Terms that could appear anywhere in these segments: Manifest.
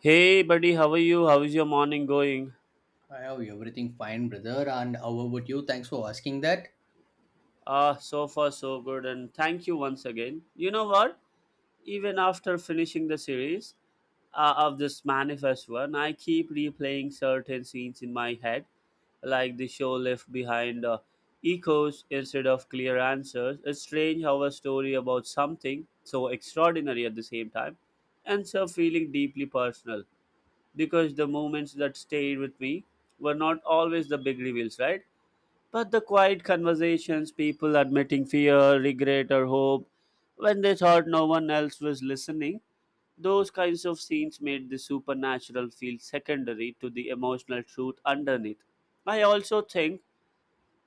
Hey, buddy, how are you? How's your morning going? I have everything fine, brother. And how about you? Thanks for asking that. Ah, so far so good, and thank you once again. You know what? Even after finishing the series of this manifest one, I keep replaying certain scenes in my head, like the show left behind echoes instead of clear answers. It's strange how a story about something so extraordinary at the same time ends up feeling deeply personal because the moments that stayed with me were not always the big reveals, right? But the quiet conversations, people admitting fear, regret, or hope, when they thought no one else was listening, those kinds of scenes made the supernatural feel secondary to the emotional truth underneath. I also think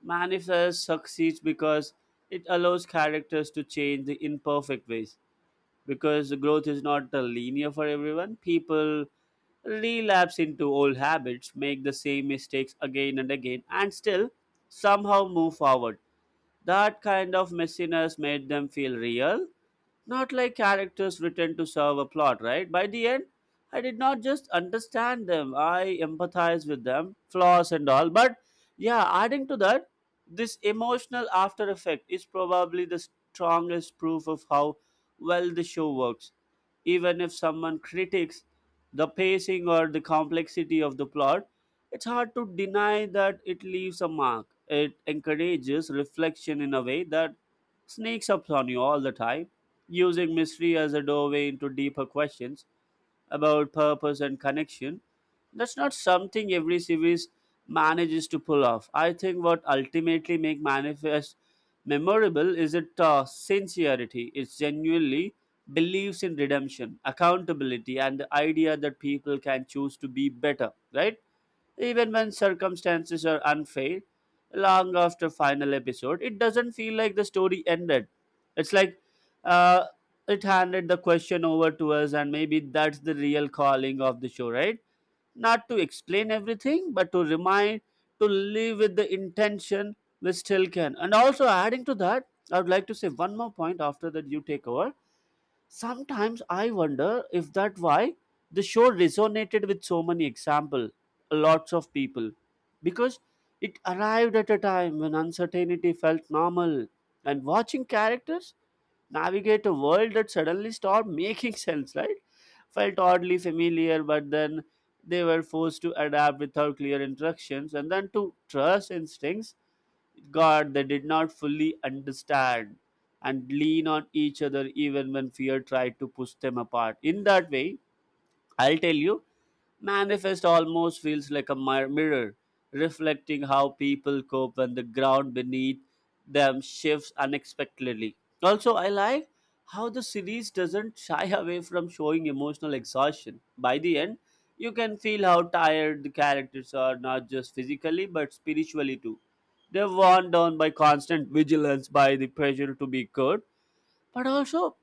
Manifest succeeds because it allows characters to change the imperfect ways because the growth is not linear for everyone. People relapse into old habits, make the same mistakes again and again, and still somehow move forward. That kind of messiness made them feel real, not like characters written to serve a plot, right? By the end, I did not just understand them, I empathized with them, flaws and all. But yeah, adding to that, this emotional after effect is probably the strongest proof of how well the show works. Even if someone critiques the pacing or the complexity of the plot, it's hard to deny that it leaves a mark. It encourages reflection in a way that sneaks up on you all the time, using mystery as a doorway into deeper questions about purpose and connection. That's not something every series manages to pull off. I think what ultimately make manifest memorable is its sincerity. It genuinely believes in redemption, accountability, and the idea that people can choose to be better. Right? Even when circumstances are unfair, long after final episode, it doesn't feel like the story ended. It's like uh, it handed the question over to us, and maybe that's the real calling of the show, right? Not to explain everything, but to remind, to live with the intention we still can. And also adding to that, I would like to say one more point after that you take over. Sometimes I wonder if that why the show resonated with so many example, lots of people, because it arrived at a time when uncertainty felt normal, and watching characters navigate a world that suddenly stopped making sense, right? Felt oddly familiar, but then they were forced to adapt without clear instructions and then to trust instincts God they did not fully understand, and lean on each other even when fear tried to push them apart. In that way, I'll tell you, manifest almost feels like a mirror, reflecting how people cope when the ground beneath them shifts unexpectedly. Also, I like how the series doesn't shy away from showing emotional exhaustion. By the end, you can feel how tired the characters are, not just physically but spiritually too. They're worn down by constant vigilance, by the pressure to be good, but also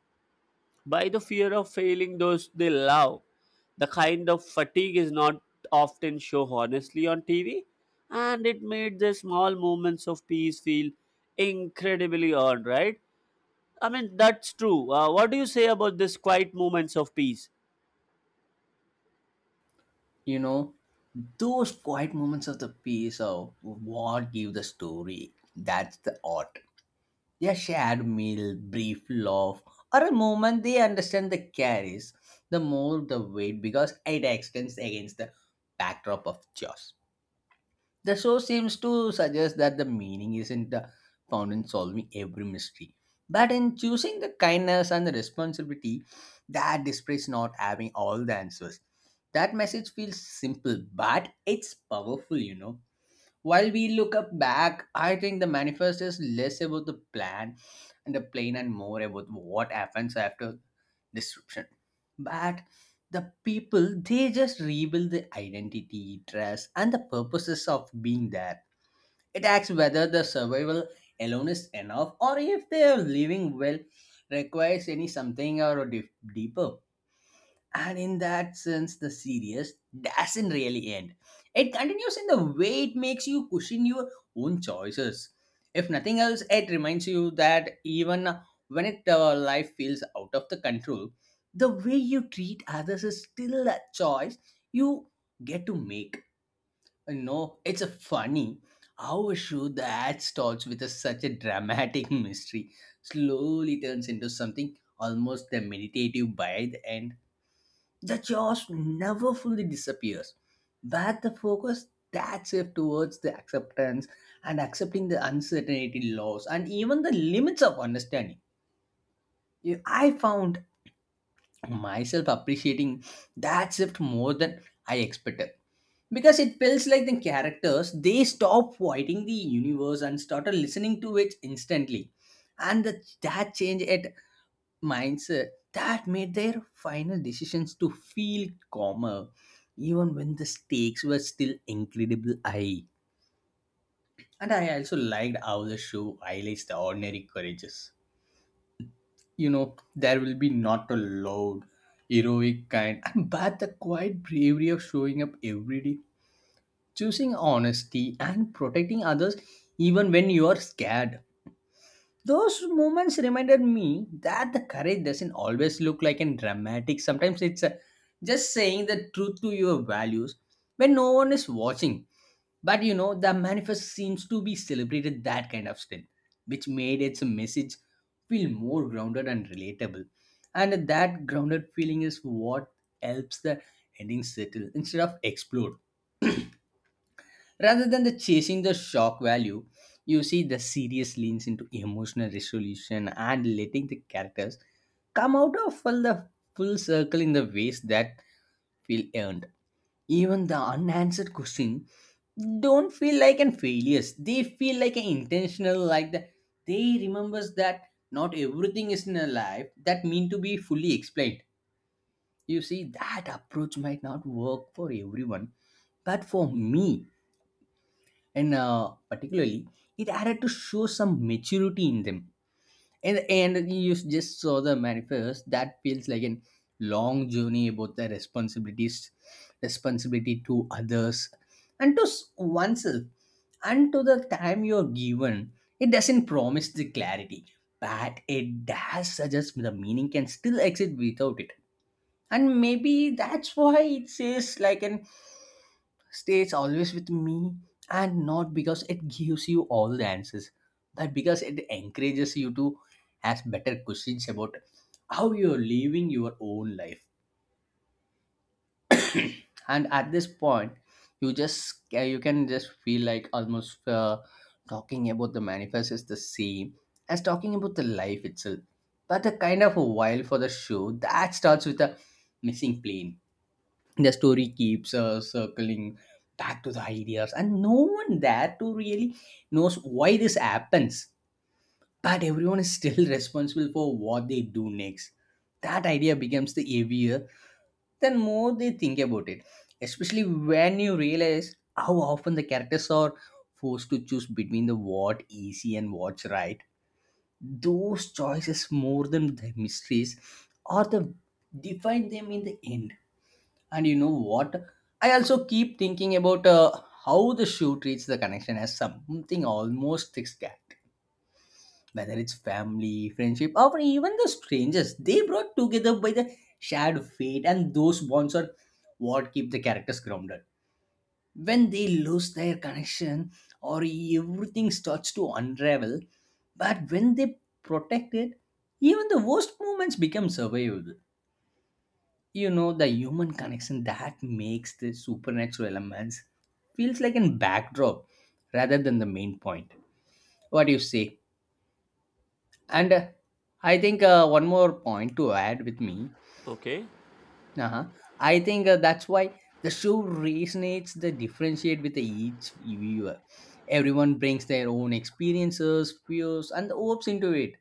by the fear of failing those they love. The kind of fatigue is not often shown honestly on TV, and it made the small moments of peace feel incredibly earned, right? I mean, that's true. What do you say about this quiet moments of peace? You know, those quiet moments of the piece of what give the story. That's the art. A shared meal, brief laugh, or a moment they understand the carries, the more the weight because it extends against the backdrop of chaos. The show seems to suggest that the meaning isn't found in solving every mystery, but in choosing the kindness and the responsibility that despite not having all the answers. That message feels simple, but it's powerful, you know. While we look up back, I think the manifest is less about the plan and more about what happens after disruption. But the people, they just rebuild the identity, trust, and the purposes of being there. It asks whether the survival alone is enough or if they are living well requires any something or a deeper. And in that sense, the series doesn't really end. It continues in the way it makes you question your own choices. If nothing else, it reminds you that even when life feels out of the control, the way you treat others is still a choice you get to make. You know, it's a funny how a show that starts with a, such a dramatic mystery slowly turns into something almost meditative by the end, the chaos never fully disappears, but the focus that shift towards the acceptance and accepting the uncertainty, loss, and even the limits of understanding. You- I found myself appreciating that shift more than I expected because it feels like the characters they stop fighting the universe and started listening to it instantly, and the, that change it mindset that made their final decisions to feel calmer even when the stakes were still incredible high. And I also liked how the show highlights the ordinary courages. You know, there will be not a loud heroic kind and but the quiet bravery of showing up every day, choosing honesty and protecting others even when you are scared. Those moments reminded me that the courage doesn't always look like in dramatic. Sometimes it's just saying the truth to your values when no one is watching. But you know, the manifest seems to be celebrated that kind of strength, which made its message feel more grounded and relatable. And that grounded feeling is what helps the ending settle instead of explode. Rather than the chasing the shock value, you see the serious leans into emotional resolution and letting the characters come out of full circle in the ways that feel earned. Even the unanswered question don't feel like an failures. They feel like an intentional, like the they remembers that not everything is in a life that mean to be fully explained. You see, that approach might not work for everyone, but for me, and particularly it had to show some maturity in them and you just saw the manifest that feels like an long journey about the responsibilities responsibility to others and to oneself and to the time you're given. It doesn't promise the clarity, but it does suggest the meaning can still exist without it. And maybe that's why it says like an stays always with me, and not because it gives you all the answers, but because it encourages you to ask better questions about how you're living your own life. And at this point, you just yeah, you can just feel like almost talking about the manifest is the same as talking about the life itself, but the kind of a while for the show that starts with a missing plane, the story keeps circling back to the ideas and no one there to really knows why this happens, but everyone is still responsible for what they do next. That idea becomes the heavier the more they think about it, especially when you realize how often the characters are forced to choose between the what easy and what's right. Those choices more than the mysteries or the define them in the end. And you know what? I also keep thinking about how the show treats the connection as something almost thick. Whether it's family, friendship, or even the strangers, they brought together by the shared fate, and those bonds are what keep the characters grounded. When they lose their connection, or everything starts to unravel, but when they protect it, even the worst moments become survivable. You know, the human connection that makes the supernatural elements feels like a backdrop rather than the main point. What do you say? And I think one more point to add with me. Okay. Uh-huh. I think that's why the show resonates the differentiate with each viewer. Everyone brings their own experiences, fears and hopes into it,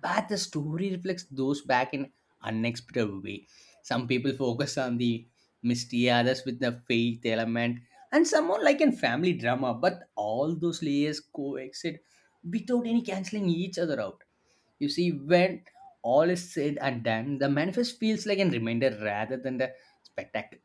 but the story reflects those back in unexpected way. Some people focus on the mystery, others with the faith element, and some more like in family drama, but all those layers coexist without any cancelling each other out. You see, when all is said and done, the manifest feels like a reminder rather than the spectacle.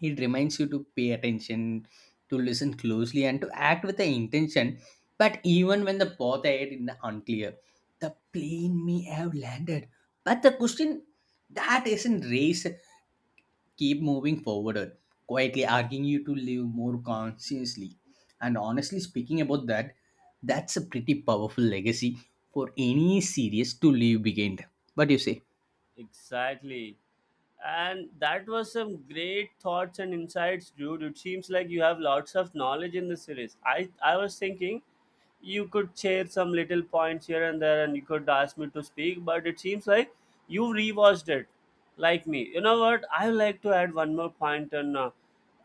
It reminds you to pay attention, to listen closely, and to act with the intention. But even when the path ahead is unclear, the plane may have landed. But the question that isn't raised keep moving forward, quietly asking you to live more consciously. And honestly speaking about that, that's a pretty powerful legacy for any series to leave behind. What do you say? Exactly. And that was some great thoughts and insights, dude. It seems like you have lots of knowledge in the series. I was thinking you could share some little points here and there and you could ask me to speak, but it seems like you rewatched it like me. You know what, I would like to add one more point. and uh,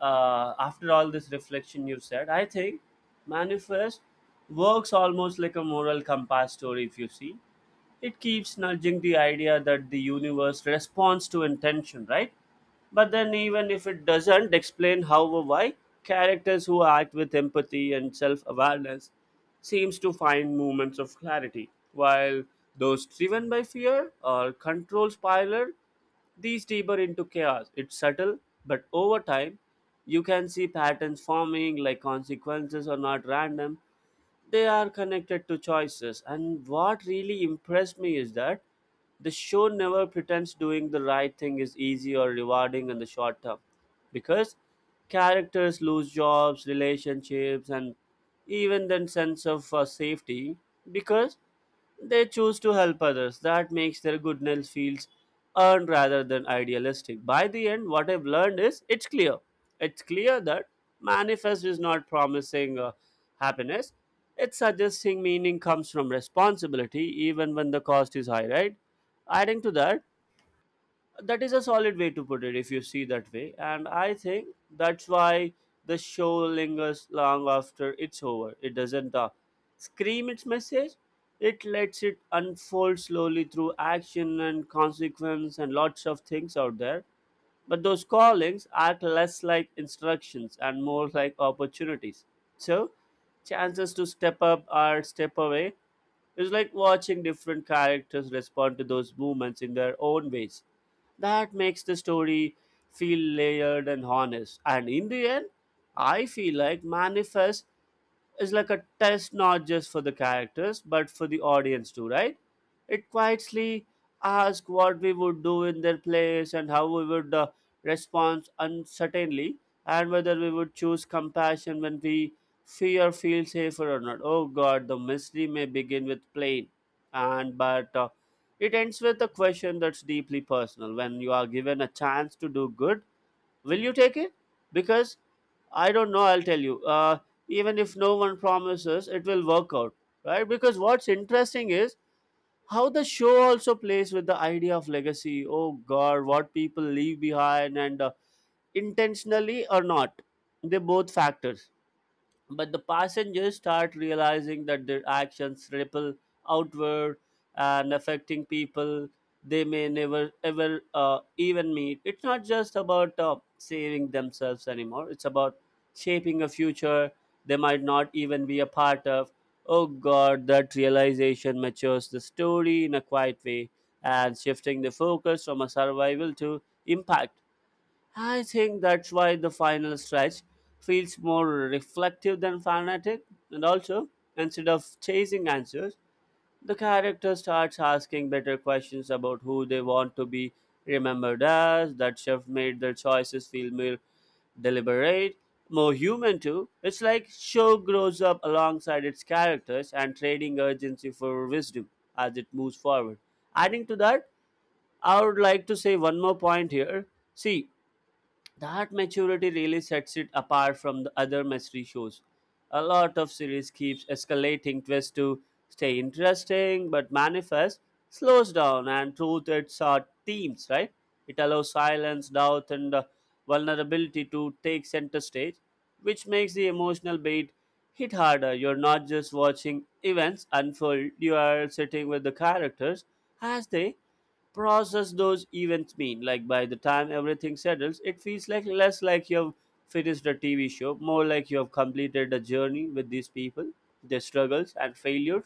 uh, after all this reflection you've said, I think manifest works almost like a moral compass story, if you see. It keeps nudging the idea that the universe responds to intention, right? But then, even if it doesn't explain how or why, characters who act with empathy and self-awareness seems to find moments of clarity, while those driven by fear or control spiral these deeper into chaos. It's subtle, but over time, you can see patterns forming, like consequences are not random, they are connected to choices. And what really impressed me is that the show never pretends doing the right thing is easy or rewarding in the short term, because characters lose jobs, relationships, and even their sense of safety, because they choose to help others. That makes their goodness feels earned rather than idealistic. By the end, what I've learned is it's clear. It's clear that manifest is not promising happiness. It's suggesting meaning comes from responsibility, even when the cost is high, right? Adding to that, that is a solid way to put it if you see that way, and I think that's why the show lingers long after it's over. It doesn't scream its message, it lets it unfold slowly through action and consequence, and lots of things out there. But those callings act less like instructions and more like opportunities, so chances to step up or step away. Is like watching different characters respond to those movements in their own ways. That makes the story feel layered and honest. And in the end, I feel like Manifest is like a test, not just for the characters but for the audience too, right? It quietly asks what we would do in their place, and how we would respond uncertainly, and whether we would choose compassion when we fear feel safer or not. Oh God, the mystery may begin with plain, and but it ends with a question that's deeply personal. When you are given a chance to do good, will you take it? Because I don't know, I'll tell you. Even if no one promises, it will work out, right? Because what's interesting is how the show also plays with the idea of legacy. Oh God, what people leave behind, and intentionally or not, they both factors. But the passengers start realizing that their actions ripple outward and affecting people they may never ever even meet. It's not just about saving themselves anymore, it's about shaping a future they might not even be a part of. Oh God, that realization matures the story in a quiet way, and shifting the focus from a survival to impact. I think that's why the final stretch feels more reflective than fanatic, and also, instead of chasing answers, the character starts asking better questions about who they want to be remembered as. That shift made their choices feel more deliberate, more human too. It's like show grows up alongside its characters, and trading urgency for wisdom as it moves forward. Adding to that, I would like to say one more point here. See, that maturity really sets it apart from the other mystery shows. A lot of series keeps escalating twists to stay interesting, but Manifest slows down and through its themes, right? It allows silence, doubt, and vulnerability to take center stage, which makes the emotional beat hit harder. You're not just watching events unfold, you are sitting with the characters as they process those events mean. Like by the time everything settles, it feels like less like you've finished a TV show, more like you have completed a journey with these people, their struggles and failures,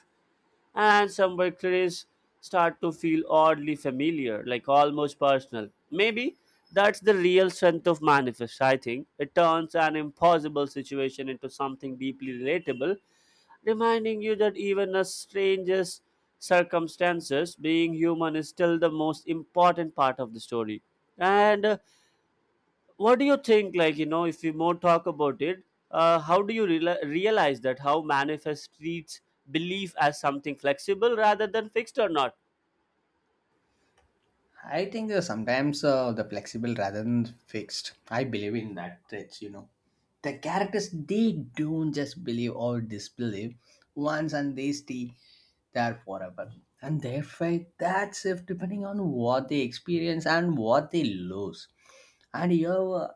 and some victories start to feel oddly familiar, like almost personal. Maybe that's the real strength of manifest, I think. It turns an impossible situation into something deeply relatable, reminding you that even the strangest circumstances, being human is still the most important part of the story. And What do you think, like, you know, if we more talk about it, how do you realize that how manifest treats belief as something flexible rather than fixed or not? I think sometimes the flexible rather than fixed. I believe in that. It's you know. The characters they don't just believe or disbelieve once and they stay there forever. And therefore that's if depending on what they experience and what they lose. And you have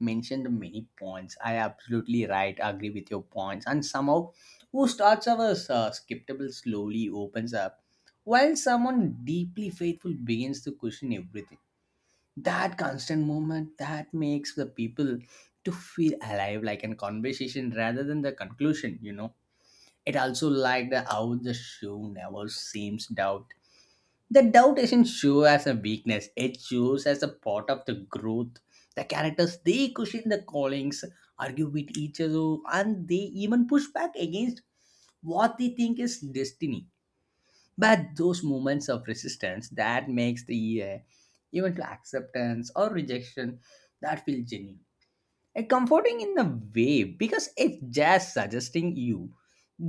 mentioned many points. I absolutely right. Agree with your points. And somehow, who starts our skeptical slowly opens up, while someone deeply faithful begins to question everything. That constant movement that makes the people to feel alive, like a conversation rather than the conclusion. You know, it also like the how the show never seems down, the doubt isn't show as a weakness, it shows as a part of the growth. The characters they question the callings, argue with each other, and they even push back against what they think is destiny. But those moments of resistance that makes the even to acceptance or rejection that feel genuine. Comforting in a way because it's just suggesting you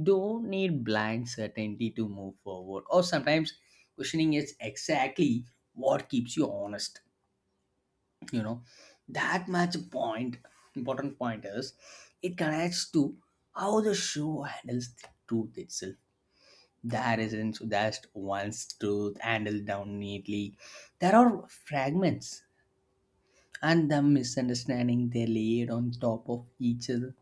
don't need blind certainty to move forward, or sometimes questioning is exactly what keeps you honest. You know, that much point important point is it connects to how the show handles the truth itself. There isn't just one truth handled down neatly, there are fragments and the misunderstanding they laid on top of each other.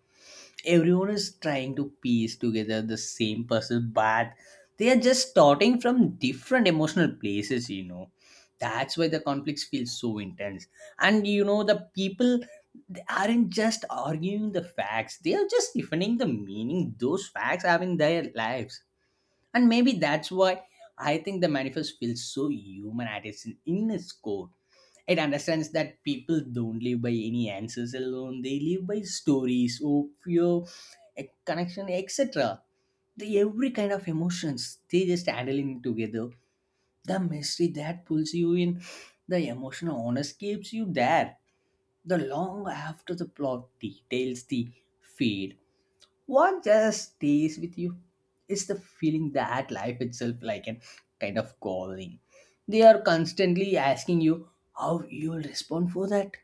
Everyone is trying to piece together the same puzzle, but they are just starting from different emotional places. You know, that's why the conflicts feel so intense. And you know, the people they aren't just arguing the facts, they are just defending the meaning those facts have in their lives. And maybe that's why I think the manifest feels so human at its in its core. It understands that people don't live by any answers alone, they live by stories, hope, fear, a connection, etc. The every kind of emotions they just handling together. The mystery that pulls you in, the emotional honest keeps you there. The long after the plot details the fade. What just stays with you is the feeling that life itself like an kind of calling. They are constantly asking you how you will respond for that.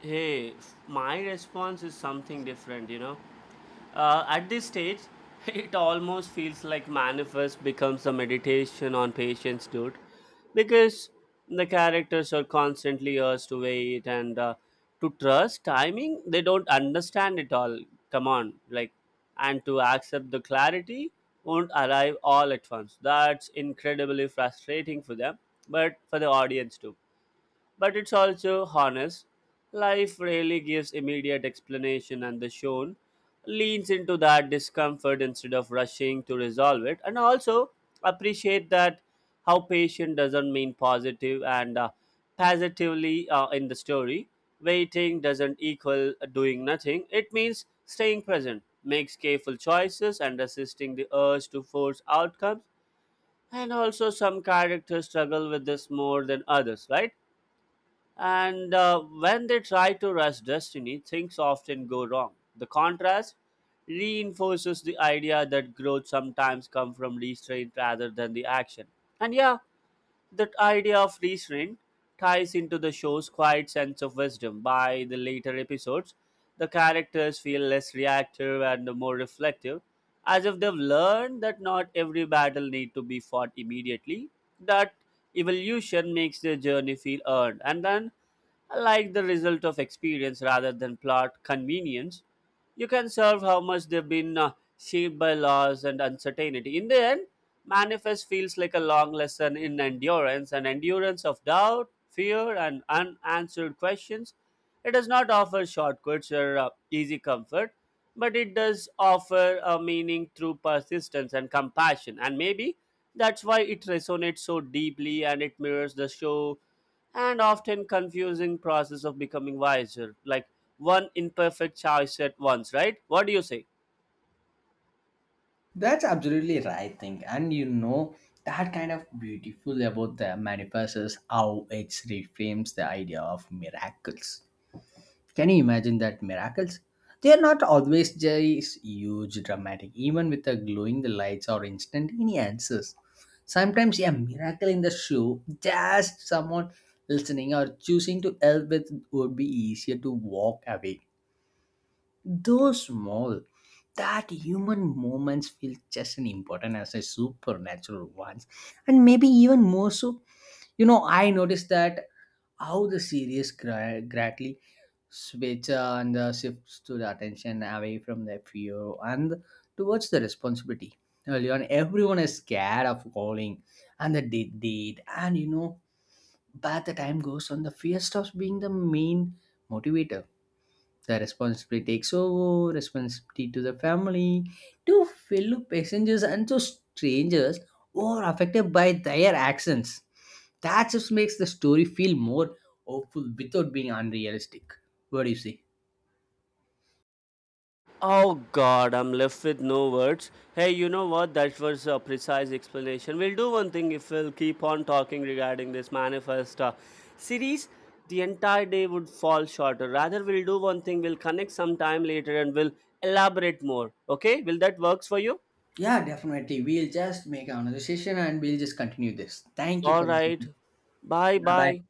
Hey, my response is something different, you know. At this stage, it almost feels like Manifest becomes a meditation on patience, dude. Because the characters are constantly asked to wait, and to trust timing, they don't understand it all. Come on, like, and to accept the clarity won't arrive all at once. That's incredibly frustrating for them, but for the audience too, but it's also honest. Life rarely gives immediate explanation, and the shown leans into that discomfort instead of rushing to resolve it. And also appreciate that how patient doesn't mean positive, and positively in the story. Waiting doesn't equal doing nothing. It means staying present, makes careful choices, and resisting the urge to force outcomes. And also, some characters struggle with this more than others, right? And when they try to rush destiny, things often go wrong. The contrast reinforces the idea that growth sometimes comes from restraint rather than the action. And yeah, that idea of restraint ties into the show's quiet sense of wisdom. By the later episodes, the characters feel less reactive and more reflective, as if they've learned that not every battle need to be fought immediately. That evolution makes their journey feel earned, and then like the result of experience rather than plot convenience. You can serve how much they've been shaped by loss and uncertainty. In the end, manifest feels like a long lesson in endurance, an endurance of doubt, fear, and unanswered questions. It does not offer shortcuts or easy comfort, but it does offer a meaning through persistence and compassion. And maybe that's why it resonates so deeply, and it mirrors the show and often confusing process of becoming wiser, like one imperfect choice at once, right? What do you say? That's absolutely right thing. And you know, that kind of beautiful about the manifest is how it reframes the idea of miracles. Can you imagine that miracles? They are not always just huge, dramatic, even with the glowing the lights or instantaneous answers. Sometimes a miracle in the show, just someone listening or choosing to help with would be easier to walk away, those small, that human moments feel just as important as the supernatural ones, and maybe even more so. You know, I noticed that how the series gradually switch and shifts to the attention away from the fear and towards the responsibility. Early on, everyone is scared of falling and the deed, and you know, but the time goes on, the fear stops being the main motivator, the responsibility takes over, responsibility to the family, to fellow passengers and to strangers who are affected by their actions. That just makes the story feel more hopeful without being unrealistic. What do you say? Oh God, I'm left with no words. Hey, you know what? That was a precise explanation. We'll do one thing, if we'll keep on talking regarding this manifest series, the entire day would fall shorter. Rather, we'll do one thing. We'll connect sometime later and we'll elaborate more. Okay? Will that works for you? Yeah, definitely. We'll just make another session and we'll just continue this. Thank you All for the right. session. Bye Bye bye. bye.